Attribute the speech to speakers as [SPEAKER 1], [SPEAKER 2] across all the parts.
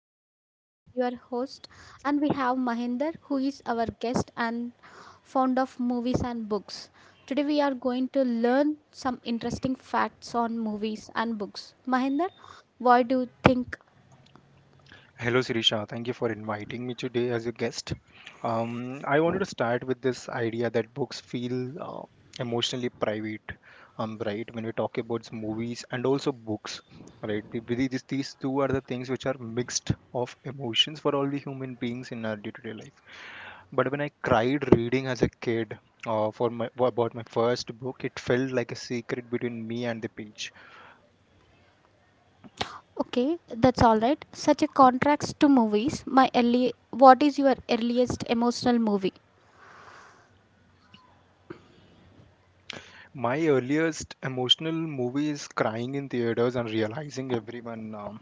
[SPEAKER 1] I am Sirisha, your host, and we have Mahinder, who is our guest and fond of movies and books. Today we are going to learn some interesting facts on movies and books. Mahinder, why do you think?
[SPEAKER 2] Hello, Sirisha. Thank you for inviting me today as a guest. I wanted to start with this idea that books feel emotionally private, right? When we talk about movies and also books, right? These two are the things which are mixed of emotions for all the human beings in our day-to-day life. But when I cried reading as a kid for about my first book, it felt like a secret between me and the page.
[SPEAKER 1] Okay, that's all right. Such a contrast to movies. My early, what is your earliest emotional movie?
[SPEAKER 2] My earliest emotional movie is crying in theaters and um,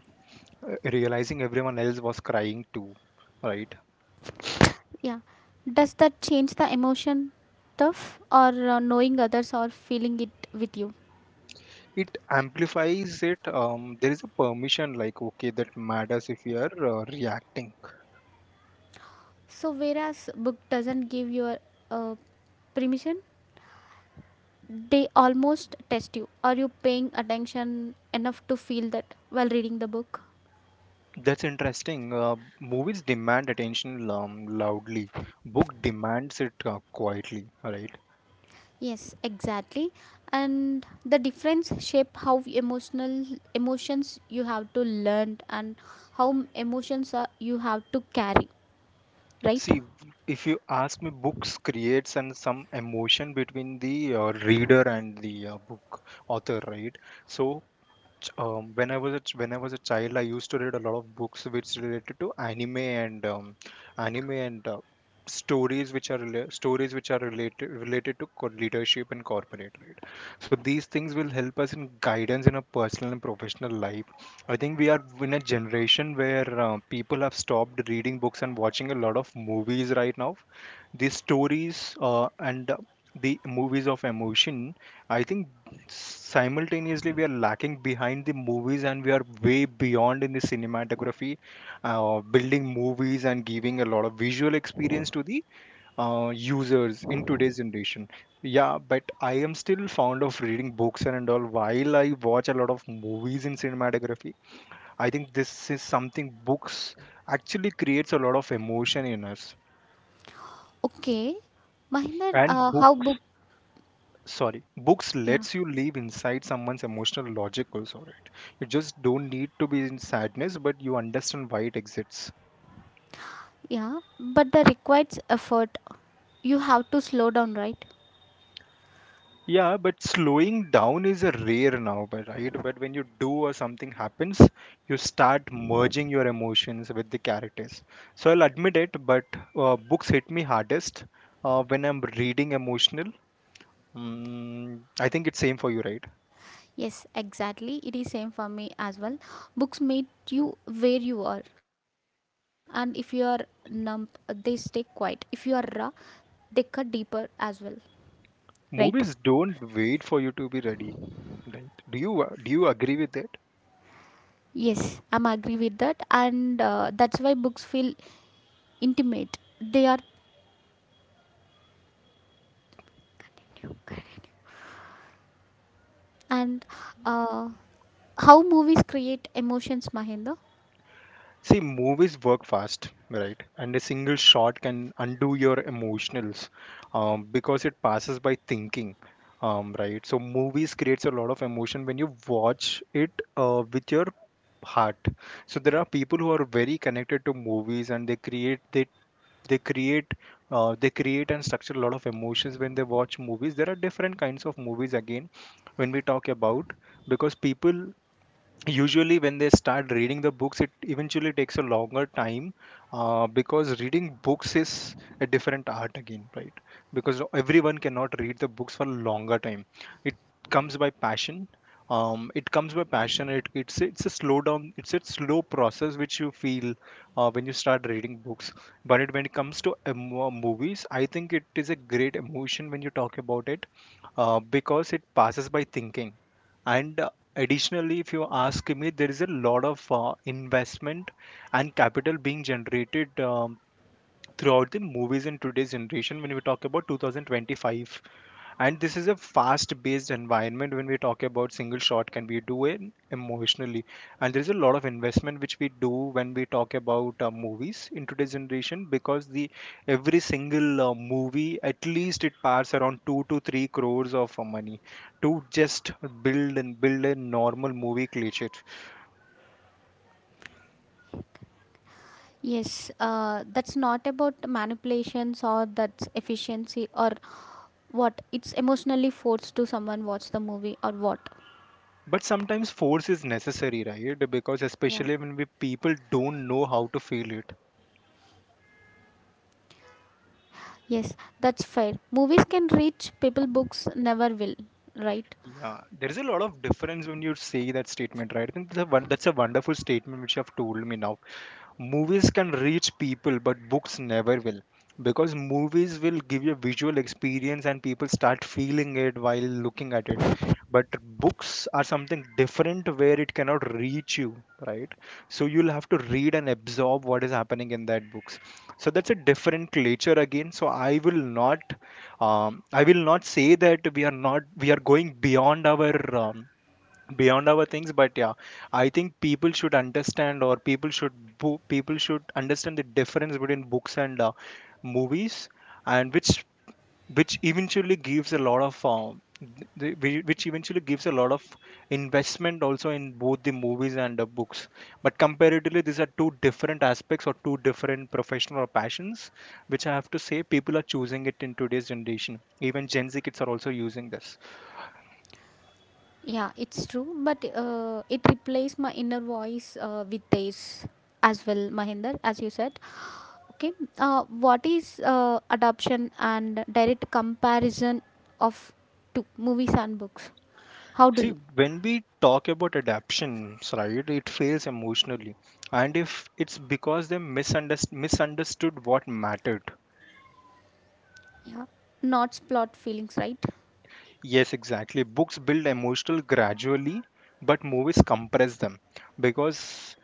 [SPEAKER 2] uh, realizing everyone else was crying too, right?
[SPEAKER 1] Yeah. Does that change the emotion tough or knowing others or feeling it with you?
[SPEAKER 2] It amplifies it. There is a permission like okay that matters if you are reacting.
[SPEAKER 1] So whereas book doesn't give your uh, permission, they almost test you. Are you paying attention enough to feel that while reading the book?
[SPEAKER 2] That's interesting. Movies demand attention loudly. Book demands it quietly, right?
[SPEAKER 1] Yes, exactly. And the difference shape how emotional emotions you have to learn and how emotions are, you have to carry, right?
[SPEAKER 2] See, if you ask me, books creates and some emotion between the reader and the book author, right? So when I was when I was a child, I used to read a lot of books which related to anime and anime and uh, stories which are stories which are related to leadership and corporate, right? So these things will help us in guidance in our personal and professional life. I think we are in a generation where people have stopped reading books and watching a lot of movies right now. The stories and the movies of emotion, I think simultaneously we are lacking behind the movies and we are way beyond in the cinematography, building movies and giving a lot of visual experience to the users in today's generation. Yeah, but I am still fond of reading books and all while I watch a lot of movies in cinematography. I think this is something books actually creates a lot of emotion in us.
[SPEAKER 1] Okay, Mahinder,
[SPEAKER 2] And
[SPEAKER 1] how book.
[SPEAKER 2] books
[SPEAKER 1] Yeah,
[SPEAKER 2] lets you live inside someone's emotional logic also, right? You just don't need to be in sadness, but you understand why it exists.
[SPEAKER 1] yeah, but that requires effort. You have to slow down, right?
[SPEAKER 2] Yeah, but slowing down is a rare now, but right, but when you do or something happens, you start merging your emotions with the characters. So I'll admit it, but books hit me hardest when I'm reading emotional. I think it's same for you, right?
[SPEAKER 1] Yes, exactly. It is same for me as well. Books meet you where you are, and if you are numb, they stay quiet. If you are raw, they cut deeper as well, right?
[SPEAKER 2] Movies don't wait for you to be ready, right? Do you do you agree with that?
[SPEAKER 1] Yes, I'm agree with that, and that's why books feel intimate. They are, and uh, how movies create emotions, Mahinda?
[SPEAKER 2] See, movies work fast, right? And a single shot can undo your emotionals, because it passes by thinking, right? So movies creates a lot of emotion when you watch it with your heart. So there are people who are very connected to movies and they create they create and structure a lot of emotions when they watch movies. There are different kinds of movies again when we talk about, because people usually when they start reading the books, it eventually takes a longer time, because reading books is a different art again, right? Because everyone cannot read the books for longer time. It comes by passion. It comes by passion. It's a slow down, it's a slow process which you feel when you start reading books. But when it comes to movies, I think it is a great emotion when you talk about it, because it passes by thinking. And additionally, if you ask me, there is a lot of investment and capital being generated throughout the movies in today's generation when we talk about 2025. And this is a fast based environment when we talk about single shot can we do it emotionally. And there is a lot of investment which we do when we talk about movies in today's generation, because the every single movie at least it passes around 2 to 3 crores of money to just build a normal movie cliche.
[SPEAKER 1] Yes, that's not about manipulations or that's efficiency or what. It's emotionally forced to someone watch the movie or what.
[SPEAKER 2] But sometimes force is necessary, right? Because
[SPEAKER 1] Yeah.
[SPEAKER 2] especially when we people don't know how to feel it.
[SPEAKER 1] Yes, that's fair. Movies can reach people books never will, right?
[SPEAKER 2] Yeah, there is a lot of difference when you say that statement, right? I think that's that's a wonderful statement which you have told me now. Movies can reach people but books never will, because movies will give you a visual experience and people start feeling it while looking at it. But books are something different where it cannot reach you, right? So you'll have to read and absorb what is happening in that books. So that's a different nature again. So I will not, I will not say that we are not we are going beyond our things, but yeah, I think people should understand, or people should people should understand the difference between books and movies, and which eventually gives a lot of which eventually gives a lot of investment also in both the movies and the books. But comparatively these are two different aspects or two different professional or passions, which I have to say people are choosing it in today's generation. Even Gen Z kids are also using this.
[SPEAKER 1] Yeah, it's true. But it replaces my inner voice with theirs as well, Mahinder, as you said. Okay. What is adoption and direct comparison of two movies and books? How do
[SPEAKER 2] See,
[SPEAKER 1] you?
[SPEAKER 2] when we talk about adaptations, right, it fails emotionally. And if it's because they misunderstood what mattered.
[SPEAKER 1] Yeah, not spot feelings, right?
[SPEAKER 2] Yes, exactly. Books build emotional gradually, but movies compress them, because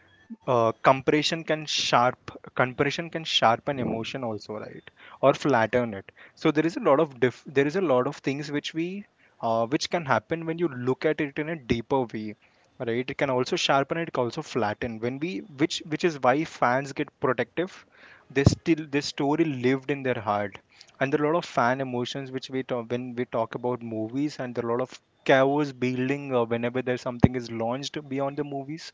[SPEAKER 2] uh, compression can sharp compression can sharpen emotion also, right? Or flatten it. So there is a lot of there is a lot of things which we which can happen when you look at it in a deeper way, right? It can also sharpen, it can also flatten, when we which is why fans get protective. They still this story lived in their heart. And there are a lot of fan emotions which we talk when we talk about movies, and there are a lot of chaos building whenever there's something is launched beyond the movies,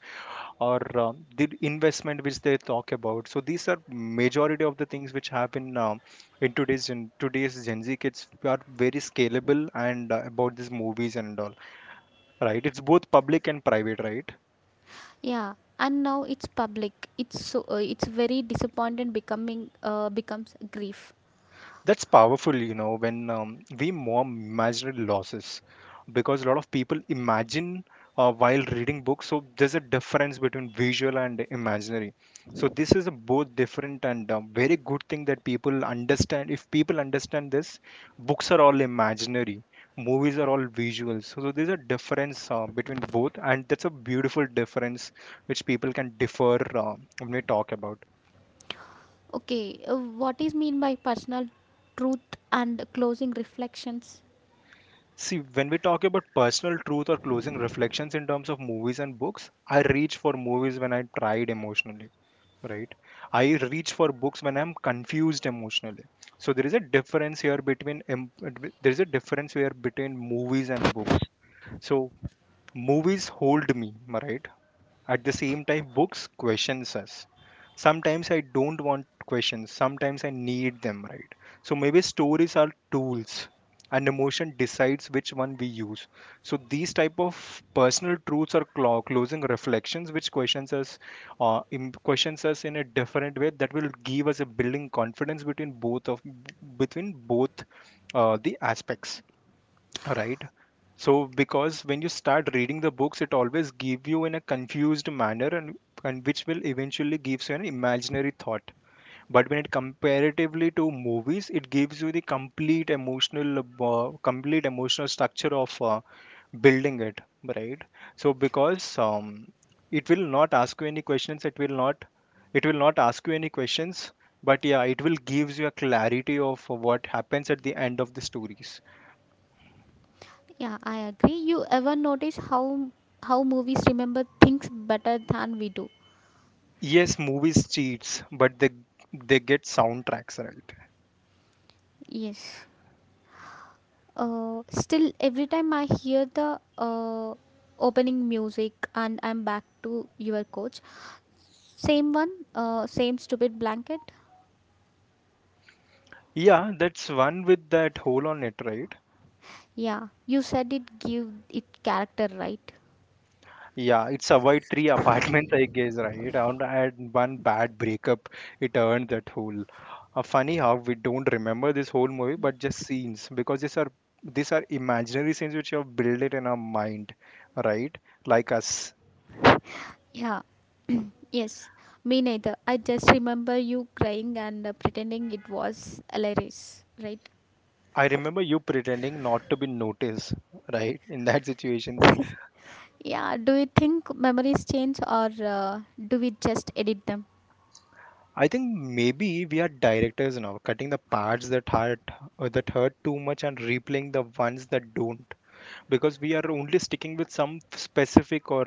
[SPEAKER 2] or the investment which they talk about. So these are majority of the things which happen in today's Gen Z kids are very scalable and about these movies and all, right? It's both public and private, right?
[SPEAKER 1] Yeah, and now it's public, it's so it's very disappointed becoming becomes grief.
[SPEAKER 2] That's powerful, you know, when we mourn imaginary losses, because a lot of people imagine while reading books. So there's a difference between visual and imaginary. So this is a both different and very good thing that people understand. If people understand this, books are all imaginary, movies are all visual. So, so there's a difference between both, and that's a beautiful difference which people can differ when we talk about.
[SPEAKER 1] Okay, what is mean by personal truth and closing reflections?
[SPEAKER 2] See, when we talk about personal truth or closing reflections in terms of movies and books, I reach for movies when I'm tried emotionally, right? I reach for books when I'm confused emotionally. So there is a difference here between there is a difference here between movies and books. So movies hold me, right? At the same time, books questions us. Sometimes I don't want questions. Sometimes I need them, right? So maybe stories are tools and emotion decides which one we use. So these type of personal truths or closing reflections which questions us, questions us in a different way, that will give us a building confidence between both of between both the aspects. Right. So because when you start reading the books, it always give you in a confused manner, and which will eventually gives you an imaginary thought. But when it comparatively to movies, it gives you the complete emotional, complete emotional structure of building it, right? So because it will not ask you any questions, it will not ask you any questions, but yeah, it will gives you a clarity of what happens at the end of the stories.
[SPEAKER 1] Yeah, I agree. You ever notice how movies remember things better than we do?
[SPEAKER 2] Yes, movies cheats, but they get soundtracks right.
[SPEAKER 1] Yes, still every time I hear the uh, opening music and I'm back to your coach, same one, same stupid blanket.
[SPEAKER 2] Yeah, that's one with that hole on it, right?
[SPEAKER 1] Yeah, you said it give it character, right?
[SPEAKER 2] Yeah, it's avoid three apartments, I guess, right? And I had one bad breakup, it earned that whole. Funny how we don't remember this whole movie, but just scenes, because these are imaginary scenes which have built it in our mind, right? Like us.
[SPEAKER 1] Yeah, yes, me neither. I just remember you crying and pretending it was hilarious, right?
[SPEAKER 2] I remember you pretending not to be noticed, right? In that situation,
[SPEAKER 1] Yeah, do you think memories change or do we just edit them?
[SPEAKER 2] I think maybe we are directors now, cutting the parts that hurt too much and replaying the ones that don't, because we are only sticking with some specific or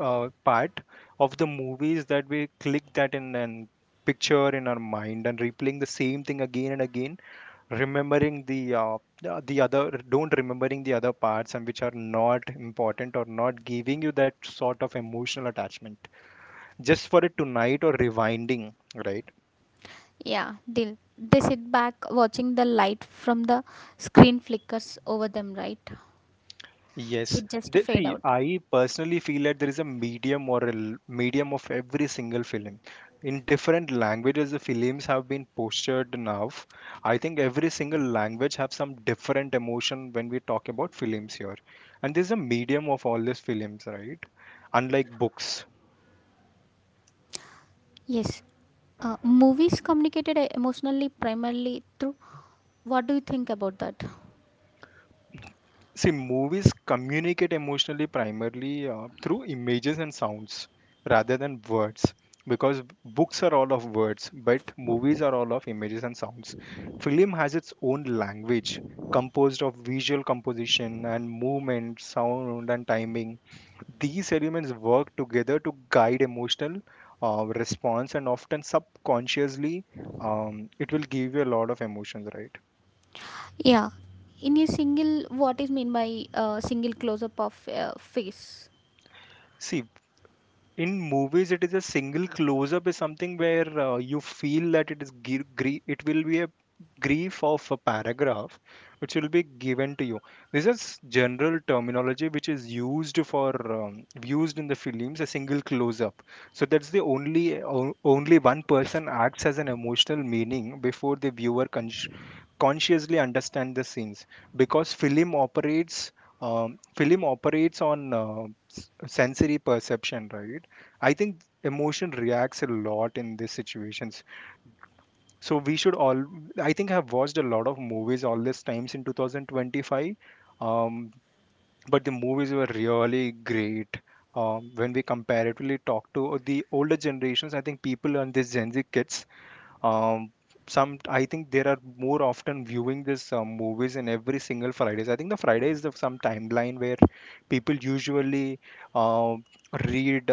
[SPEAKER 2] part of the movies that we click that in and picture in our mind and replaying the same thing again and again, remembering the other, don't remembering the other parts and which are not important or not giving you that sort of emotional attachment just for it tonight or rewinding, right?
[SPEAKER 1] Yeah, deal. They sit back watching the light from the screen flickers over them, right? We
[SPEAKER 2] Yes,
[SPEAKER 1] just
[SPEAKER 2] they,
[SPEAKER 1] fade
[SPEAKER 2] see,
[SPEAKER 1] out.
[SPEAKER 2] I personally feel that there is a medium or a medium of every single film. In different languages, the films have been postured now. I think every single language have some different emotion when we talk about films here, and there's a medium of all these films, right? Unlike books.
[SPEAKER 1] Yes, movies communicated emotionally primarily through. What do you think about that?
[SPEAKER 2] See, movies communicate emotionally primarily through images and sounds rather than words, because books are all of words, but movies are all of images and sounds. Film has its own language composed of visual composition and movement, sound, and timing. These elements work together to guide emotional response and often subconsciously. It will give you a lot of emotions, right?
[SPEAKER 1] Yeah. In a single, what is mean by single close up of face?
[SPEAKER 2] See, in movies it is, a single close up is something where you feel that it is gr- gr- it will be a grief of a paragraph which will be given to you. This is general terminology which is used for used in the films, a single close up, so that's the only only one person acts as an emotional meaning before the viewer consciously understand the scenes, because film operates film operates on sensory perception, right? I think emotion reacts a lot in these situations. So we should all. I think I've watched a lot of movies all these times in 2025, um, but the movies were really great. When we comparatively talk to the older generations, I think people and these Gen Z kids, um some I think there are more often viewing this movies in every single Fridays. I think the Friday is the some timeline where people usually, um read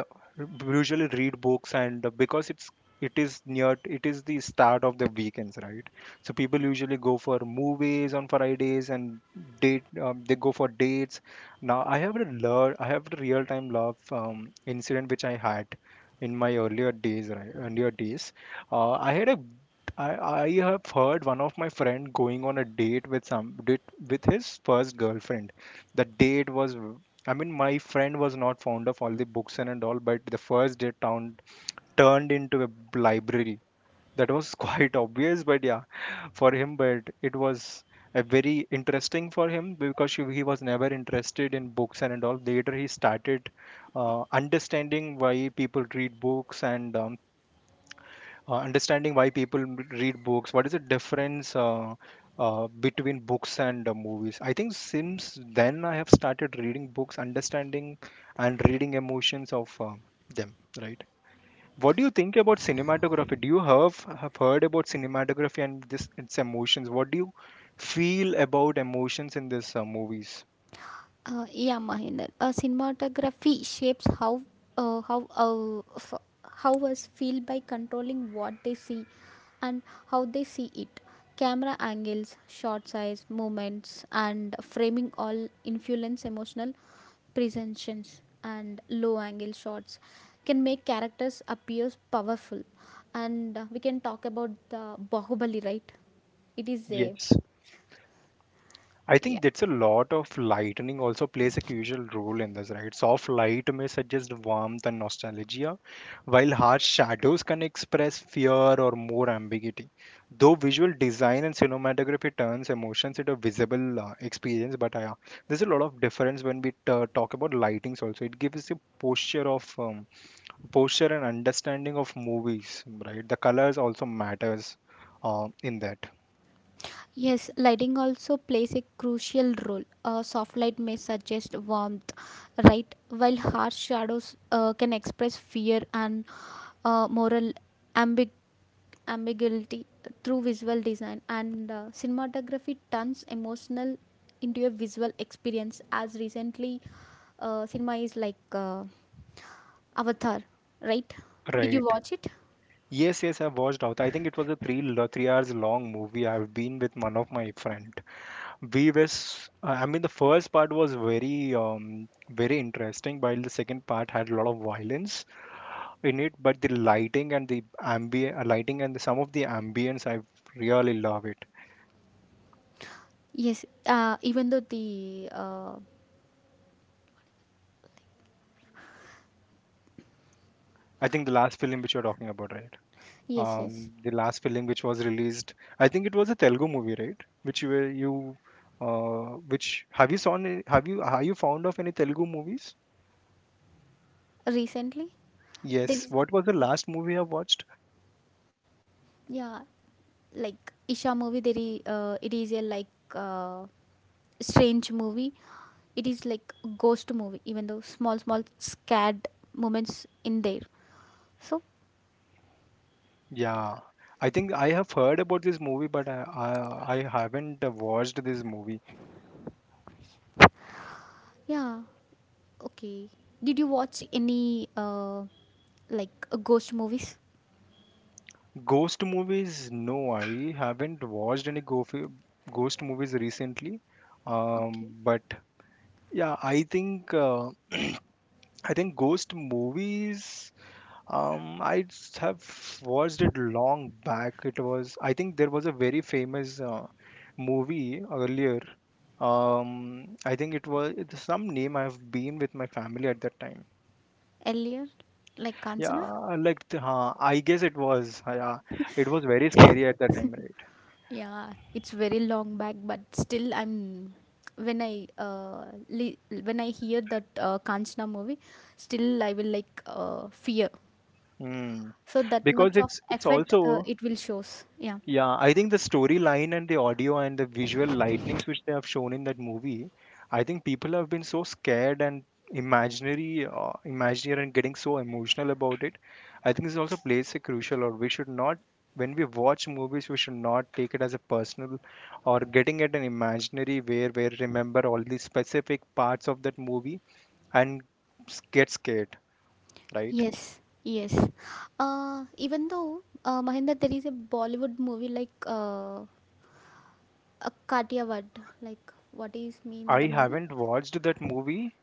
[SPEAKER 2] usually read books, and because it's, it is near, it is the start of the weekends, right? So people usually go for movies on Fridays and date, they go for dates. Now I have a love, I have a real time love incident which I had in my earlier days, right? Earlier days, I had a I have heard one of my friend going on a date with some date with his first girlfriend. The date was v- I mean my friend was not fond of all the books and all, but the first date turned into a library. That was quite obvious, but yeah, for him, but it was a very interesting for him, because she, he was never interested in books and all. Later, he started understanding why people read books and understanding why people read books, what is the difference between books and movies. I think since then I have started reading books, understanding and reading emotions of them, right? What do you think about cinematography? Do you have heard about cinematography and this its emotions? What do you feel about emotions in this movies?
[SPEAKER 1] Yeah, Mahinder. Cinematography shapes how uh, how uh, f- how us feel by controlling what they see and how they see it. Camera angles, shot size, movements, and framing all influence emotional presentations. And low angle shots can make characters appear powerful. And we can talk about the Bahubali, right? It is a,
[SPEAKER 2] Yes, I think
[SPEAKER 1] yeah.
[SPEAKER 2] that's, a lot of lightning also plays a crucial role in this, right? Soft light may suggest warmth and nostalgia, while harsh shadows can express fear or more ambiguity. Though visual design and cinematography turns emotions into visible experience, but yeah, there's a lot of difference when we talk about lightings also. It gives a posture of posture and understanding of movies, right? The colors also matters in that,
[SPEAKER 1] Yes, lighting also plays a crucial role. A soft light may suggest warmth, right? While harsh shadows can express fear and moral ambig- ambiguity through visual design. And cinematography turns emotional into a visual experience, as recently cinema is like Avatar, right? Did you
[SPEAKER 2] right?
[SPEAKER 1] watch it?
[SPEAKER 2] Yes, yes, I've watched out. I think it was a 3 hours long movie. I've been with one of my friend. We was, I mean, the first part was very, very interesting, while the second part had a lot of violence in it. But the lighting and the ambient lighting and some of the ambience, I really love it.
[SPEAKER 1] Yes, even though the.
[SPEAKER 2] I think the last film which you're talking about, right?
[SPEAKER 1] Yes, yes.
[SPEAKER 2] The last film which was released, I think it was a Telugu movie, right? Which you were you, which have you saw? Have you, are you fond of any Telugu movies?
[SPEAKER 1] Recently? There
[SPEAKER 2] Yes.
[SPEAKER 1] is,
[SPEAKER 2] What was the last movie I watched?
[SPEAKER 1] yeah, like Isha movie, there is, it is a like strange movie. It is like ghost movie, even though small, small scared moments in there. So
[SPEAKER 2] Yeah. I think I have heard about this movie, but I haven't watched this movie.
[SPEAKER 1] yeah, okay. Did you watch any like ghost movies?
[SPEAKER 2] Ghost movies? No, I haven't watched any go ghost movies recently.
[SPEAKER 1] Okay.
[SPEAKER 2] But yeah, I think ghost movies. Um, I have watched it long back. It was, I think there was a very famous movie earlier. I think it was, it's some name. I've been with my family at that time.
[SPEAKER 1] Earlier, like
[SPEAKER 2] Yeah,
[SPEAKER 1] Kanchana?
[SPEAKER 2] like huh, I guess it was. Yeah, it was very scary at that time, right?
[SPEAKER 1] Yeah, it's very long back, but still I'm when I li- when I hear that Kanchana movie, still I will like fear.
[SPEAKER 2] Mm.
[SPEAKER 1] So that
[SPEAKER 2] Because
[SPEAKER 1] much of
[SPEAKER 2] it's
[SPEAKER 1] effort
[SPEAKER 2] also,
[SPEAKER 1] it will shows, yeah.
[SPEAKER 2] yeah, I think the storyline and the audio and the visual lightnings which they have shown in that movie, I think people have been so scared and imaginary, imaginary and getting so emotional about it. I think this also plays a crucial role. We should not, when we watch movies, we should not take it as a personal or getting at an imaginary where we remember all the specific parts of that movie and get scared, right?
[SPEAKER 1] Yes, yes. Even though Mahinda, there is a Bollywood movie like a Kathiawad, like what is mean
[SPEAKER 2] I
[SPEAKER 1] the movie?
[SPEAKER 2] haven't watched that movie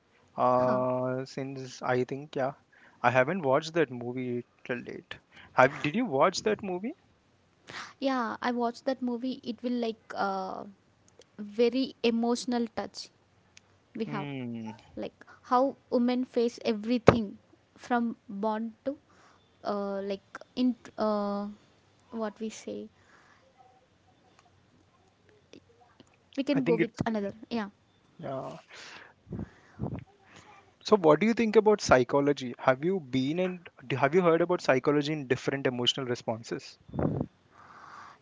[SPEAKER 1] Huh.
[SPEAKER 2] since, I think yeah, I haven't watched that movie till date. Have did you watch that movie?
[SPEAKER 1] Yeah, I watched that movie. It will like very emotional touch we have,
[SPEAKER 2] Hmm.
[SPEAKER 1] like how women face everything from born to like in uh, what we say we
[SPEAKER 2] I
[SPEAKER 1] can go
[SPEAKER 2] think
[SPEAKER 1] with
[SPEAKER 2] it's,
[SPEAKER 1] another, yeah.
[SPEAKER 2] yeah. So what do you think about psychology? Have you been and have you heard about psychology in different emotional responses?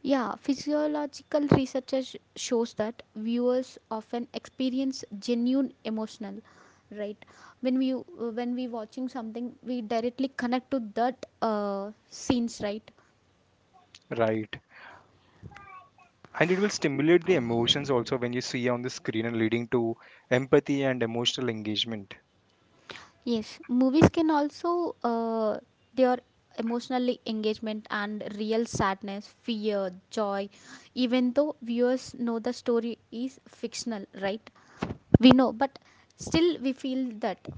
[SPEAKER 1] Yeah, physiological research shows that viewers often experience genuine emotional, right? When we when we watching something, we directly connect to that scenes, right?
[SPEAKER 2] Right. And it will stimulate the emotions also when you see on the screen and leading to empathy and emotional engagement.
[SPEAKER 1] Yes, movies can also their emotionally engagement and real sadness, fear, joy, even though viewers know the story is fictional, right? We know, but still we feel that.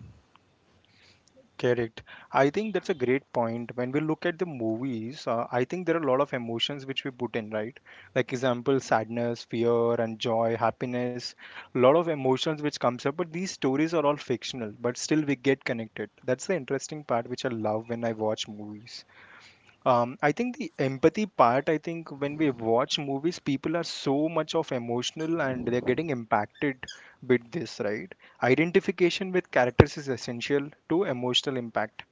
[SPEAKER 2] Correct. I think that's a great point. When we look at the movies, I think there are a lot of emotions which we put in, right? Like example, sadness, fear, and joy, happiness. A lot of emotions which comes up, but these stories are all fictional, but still we get connected. That's the interesting part which I love when I watch movies. I think the empathy part, I think when we watch movies, people are so much of emotional and they're getting impacted with this, right? Identification with characters is essential to emotional impact,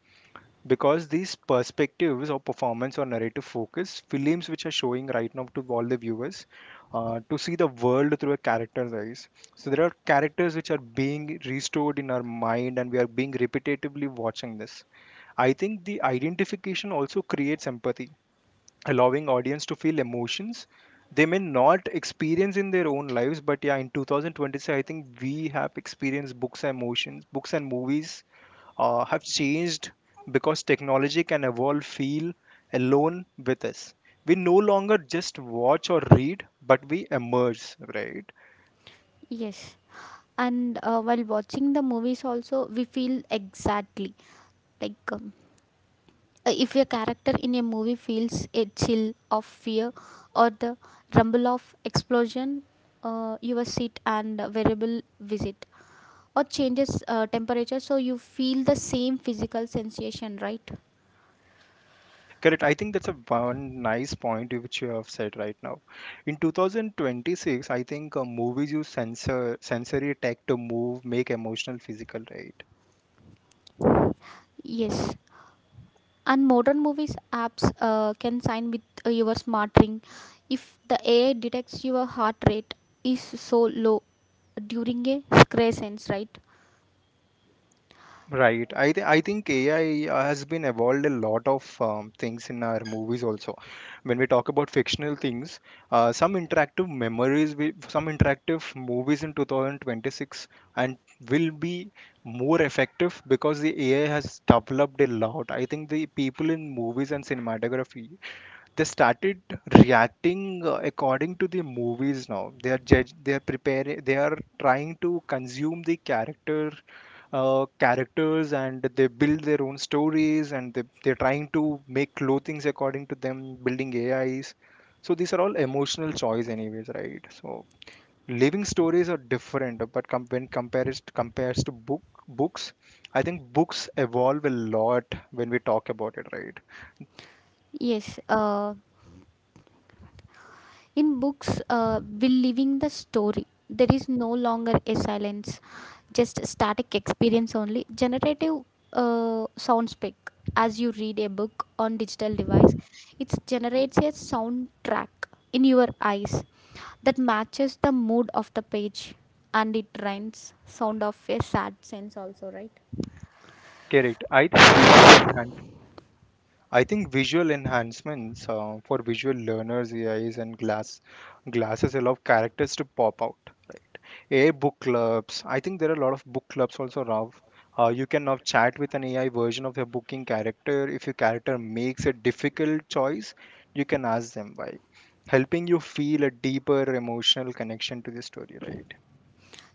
[SPEAKER 2] because these perspectives or performance or narrative focus films which are showing right now to all the viewers to see the world through a character's eyes. So there are characters which are being restored in our mind and we are being repetitively watching this. I think the identification also creates empathy, allowing audience to feel emotions they may not experience in their own lives. But yeah, in 2026 I think we have experienced books and emotions, books and movies have changed, because technology can evolve, feel alone with us. We no longer just watch or read, but we immerse, right?
[SPEAKER 1] Yes. And while watching the movies, also we feel exactly like if a character in a movie feels a chill of fear or the rumble of explosion, your seat and variable visit or changes temperature, so you feel the same physical sensation, right?
[SPEAKER 2] Correct, I think that's a one nice point which you have said right now. In 2026 I think movies use sensory tech to move, make emotional physical, right?
[SPEAKER 1] Yes, and modern movies apps can sign with your smart ring if the AI detects your heart rate is so low during a scratch sense, right?
[SPEAKER 2] Right. I think AI has been evolved a lot of things in our movies also. When we talk about fictional things, some interactive memories, will, some interactive movies in 2026 and will be more effective because the AI has developed a lot. I think the people in movies and cinematography, they started reacting according to the movies. Now they are judge, they are preparing, they are trying to consume the character characters, and they build their own stories, and they're trying to make clothings according to them, building AIs. So these are all emotional choice anyways, right? So living stories are different, but when compares to books, I think books evolve a lot when we talk about it, right?
[SPEAKER 1] Yes, in books, we living the story. There is no longer a silence, just static experience only. Generative sound spec. As you read a book on digital device, it generates a soundtrack in your eyes that matches the mood of the page, and it rhymes sound of a sad sense also, right?
[SPEAKER 2] Correct, I think visual enhancement, I think visual enhancements for visual learners, AIs, and glasses allow characters to pop out, right? AI book clubs. I think there are a lot of book clubs also, Rav. You can now chat with an AI version of your booking character. If your character makes a difficult choice, you can ask them why, helping you feel a deeper emotional connection to the story, right?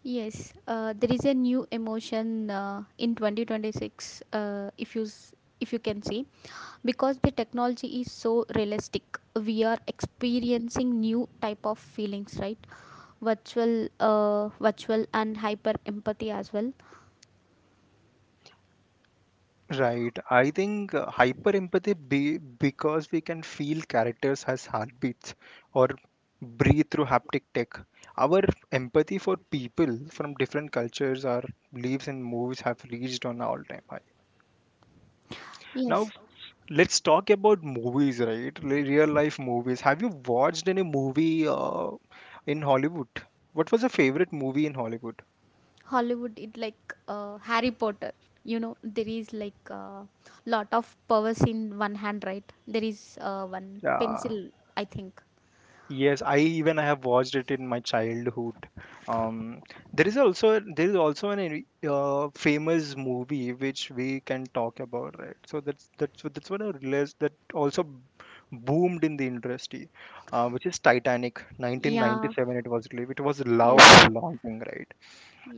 [SPEAKER 1] Yes, there is a new emotion in 2026, if you if you can see, because the technology is so realistic, we are experiencing new type of feelings, right? Virtual virtual and hyper empathy as well.
[SPEAKER 2] Right. I think hyper empathy, be because we can feel characters as heartbeats or breathe through haptic tech. Our empathy for people from different cultures, our beliefs and movies have reached on all time high. Now
[SPEAKER 1] Yes,
[SPEAKER 2] let's talk about movies, right? Real life movies. Have you watched any movie in Hollywood? What was your favorite movie in Hollywood?
[SPEAKER 1] Hollywood it like Harry Potter, you know, there is like lot of powers in one hand, right? There is one
[SPEAKER 2] Yeah.
[SPEAKER 1] pencil, I think,
[SPEAKER 2] Yes, I even I have watched it in my childhood. Um, there is also, there is also an famous movie which we can talk about, right? So that's what I realized, that also boomed in the industry, which is Titanic,
[SPEAKER 1] yeah.
[SPEAKER 2] 1997. It was released. It was love
[SPEAKER 1] Yes,
[SPEAKER 2] and longing, right?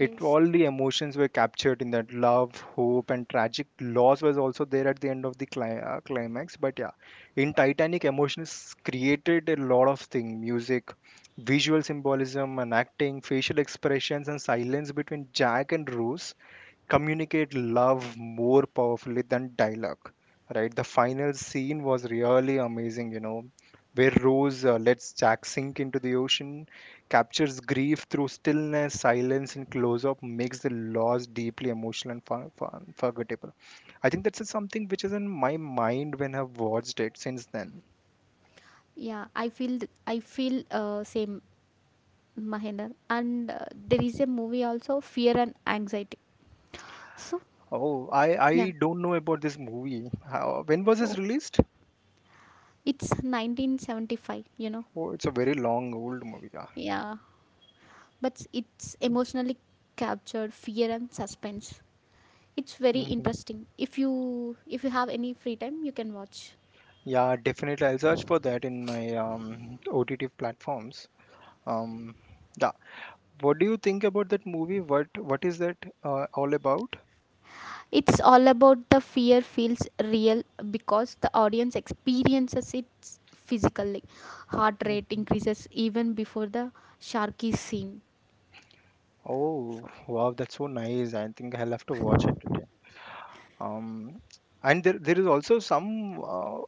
[SPEAKER 2] It, all the emotions were captured in that love, hope, and tragic loss was also there at the end of the climax, but yeah, in Titanic emotions created a lot of thing, music, visual symbolism, and acting, facial expressions, and silence between Jack and Rose communicate love more powerfully than dialogue, right? The final scene was really amazing, you know, where Rose lets Jack sink into the ocean, captures grief through stillness, silence, and close up, makes the loss deeply emotional and forgettable. I think that's something which is in my mind when I've watched it since then.
[SPEAKER 1] Yeah, I feel I feel same, Mahinder. And there is a movie also Fear and Anxiety. So,
[SPEAKER 2] Oh, I
[SPEAKER 1] yeah.
[SPEAKER 2] don't know about this movie. How, when was this
[SPEAKER 1] Oh.
[SPEAKER 2] released?
[SPEAKER 1] It's 1975, you know.
[SPEAKER 2] Oh, it's a very long old movie, yeah.
[SPEAKER 1] Yeah. But it's emotionally captured fear and suspense. It's very
[SPEAKER 2] Mm-hmm.
[SPEAKER 1] interesting. If you, if you have any free time, you can watch.
[SPEAKER 2] Yeah, definitely. I'll search for that in my OTT platforms. Um, yeah. What do you think about that movie? What is that all about?
[SPEAKER 1] It's all about the fear feels real because the audience experiences it physically. Heart rate
[SPEAKER 2] Mhm.
[SPEAKER 1] increases even before the sharky scene.
[SPEAKER 2] Oh, wow, that's so nice. I think I'll have to watch it today. um, and there is also some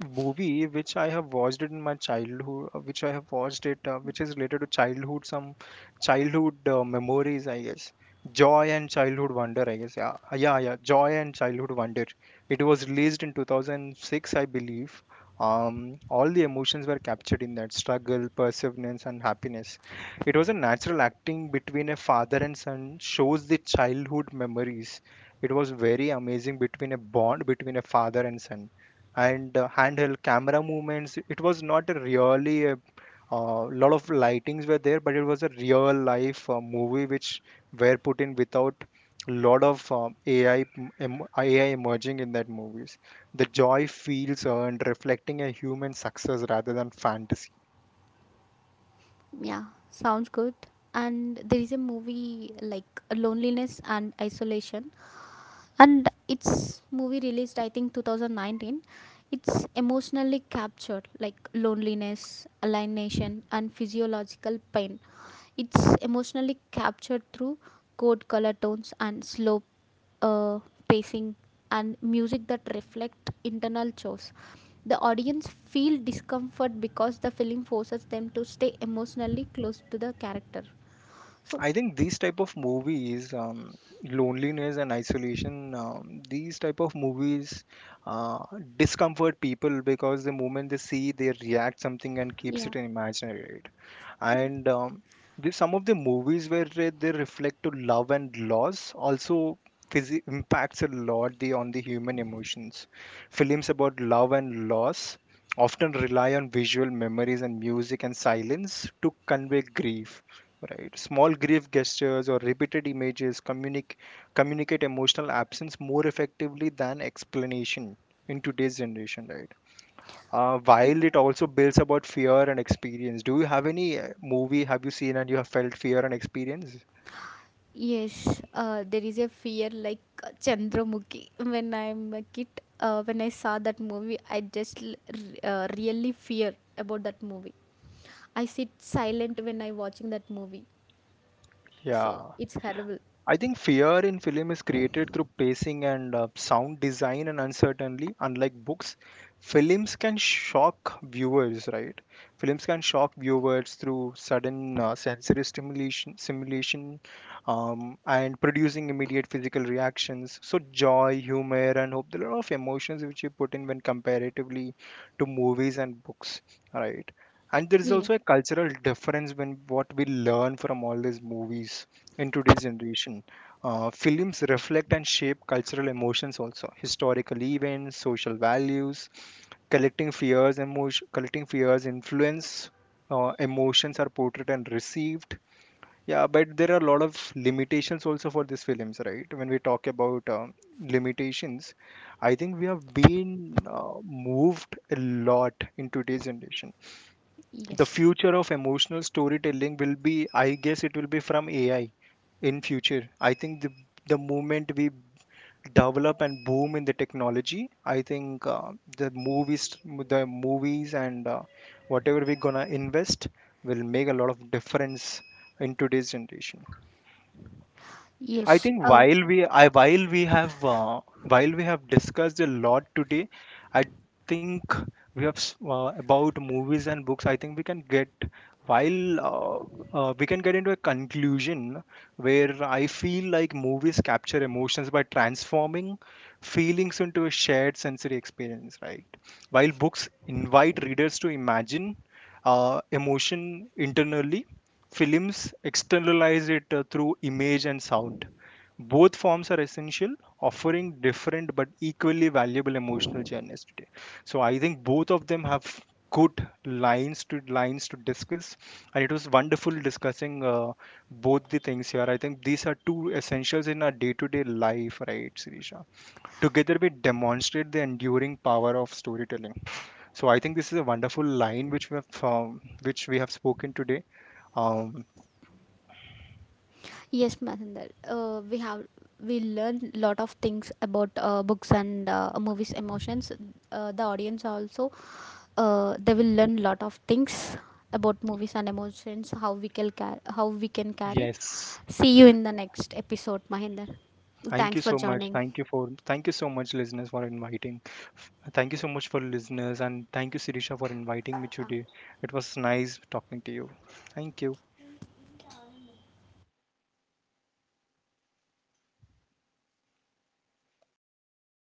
[SPEAKER 2] movie which I have watched it in my childhood, which I have watched it, which is related to childhood, some childhood memories, I guess. Joy and childhood wonder, I guess. Yeah. Yeah, yeah, joy and childhood wonder. It was released in 2006, I believe. All the emotions were captured in that, struggle, perseverance, and happiness. It was a natural acting between a father and son, shows the childhood memories. It was very amazing between a bond, between a father and son, and handheld camera movements. It was not a really a lot of lightings were there, but it was a real life movie which were put in without lot of AI emerging in that movies. The joy feels earned, reflecting a human success rather than fantasy.
[SPEAKER 1] Yeah, sounds good. And there is a movie like Loneliness and Isolation, and it's movie released I think 2019. It's emotionally captured like loneliness, alienation, and physiological pain. It's emotionally captured through cold color tones and slow uh, pacing and music that reflect internal chores. The audience feel discomfort because the film forces them to stay emotionally close to the character. So
[SPEAKER 2] I think these type of movies, loneliness and isolation, these type of movies uh, discomfort people because the moment they see, they react something and keeps
[SPEAKER 1] yeah,
[SPEAKER 2] it in imaginary, right? And some of the movies where they reflect to love and loss also impacts a lot the on the human emotions. Films about love and loss often rely on visual memories and music and silence to convey grief, right? Small grief gestures or repeated images communicate emotional absence more effectively than explanation in today's generation, right? While it also builds about fear and experience. Do you have any movie have you seen and you have felt fear and experience?
[SPEAKER 1] yes, there is a fear like Chandramukhi. When I'm a kid, when I saw that movie, I just really fear about that movie. I sit silent when I watching that movie. So
[SPEAKER 2] Yeah.
[SPEAKER 1] it's horrible.
[SPEAKER 2] I think fear in film is created through pacing and sound design and uncertainty. Unlike books, films can shock viewers, right? Films can shock viewers through sudden sensory stimulation, simulation, and producing immediate physical reactions. So joy, humor, and hope. There are a lot of emotions which you put in when comparatively to movies and books, right? And there is
[SPEAKER 1] Yeah,
[SPEAKER 2] also a cultural difference when what we learn from all these movies in today's generation. Films reflect and shape cultural emotions also, historical events, social values, collecting fears, emotion, collecting fears, influence, emotions are portrayed and received. Yeah, but there are a lot of limitations also for these films, right? When we talk about limitations, I think we have been moved a lot in today's generation. The
[SPEAKER 1] yes,
[SPEAKER 2] future of emotional storytelling will be, I guess it will be from AI. In future I think the moment we develop and boom in the technology, I think the movies the movies and whatever we're gonna invest will make a lot of difference in today's generation. I
[SPEAKER 1] yes,
[SPEAKER 2] think while we have discussed a lot today, I think we have about movies and books. I think we can get while we can get into a conclusion where I feel like movies capture emotions by transforming feelings into a shared sensory experience, right? While books invite readers to imagine emotion internally, films externalize it through image and sound. Both forms are essential, offering different but equally valuable emotional journeys today. So I think both of them have good lines to discuss, and it was wonderful discussing both the things here. I think these are two essentials in our day-to-day life, right, Sirisha? Together we demonstrate the enduring power of storytelling. So I think this is a wonderful line which we have spoken today. Um,
[SPEAKER 1] yes, Masandar. We have we learn lot of things about books and movies emotions. The audience also, they will learn lot of things about movies and emotions. How we can how we can carry.
[SPEAKER 2] yes.
[SPEAKER 1] See you in the next episode, Mahinder.
[SPEAKER 2] Thank
[SPEAKER 1] Thanks
[SPEAKER 2] you
[SPEAKER 1] for
[SPEAKER 2] so much.
[SPEAKER 1] joining.
[SPEAKER 2] Thank you so much, listeners, for inviting. F- Thank you so much for listeners, and thank you, Sirisha, for inviting me
[SPEAKER 1] Yeah.
[SPEAKER 2] today. It was nice talking to you. Thank you.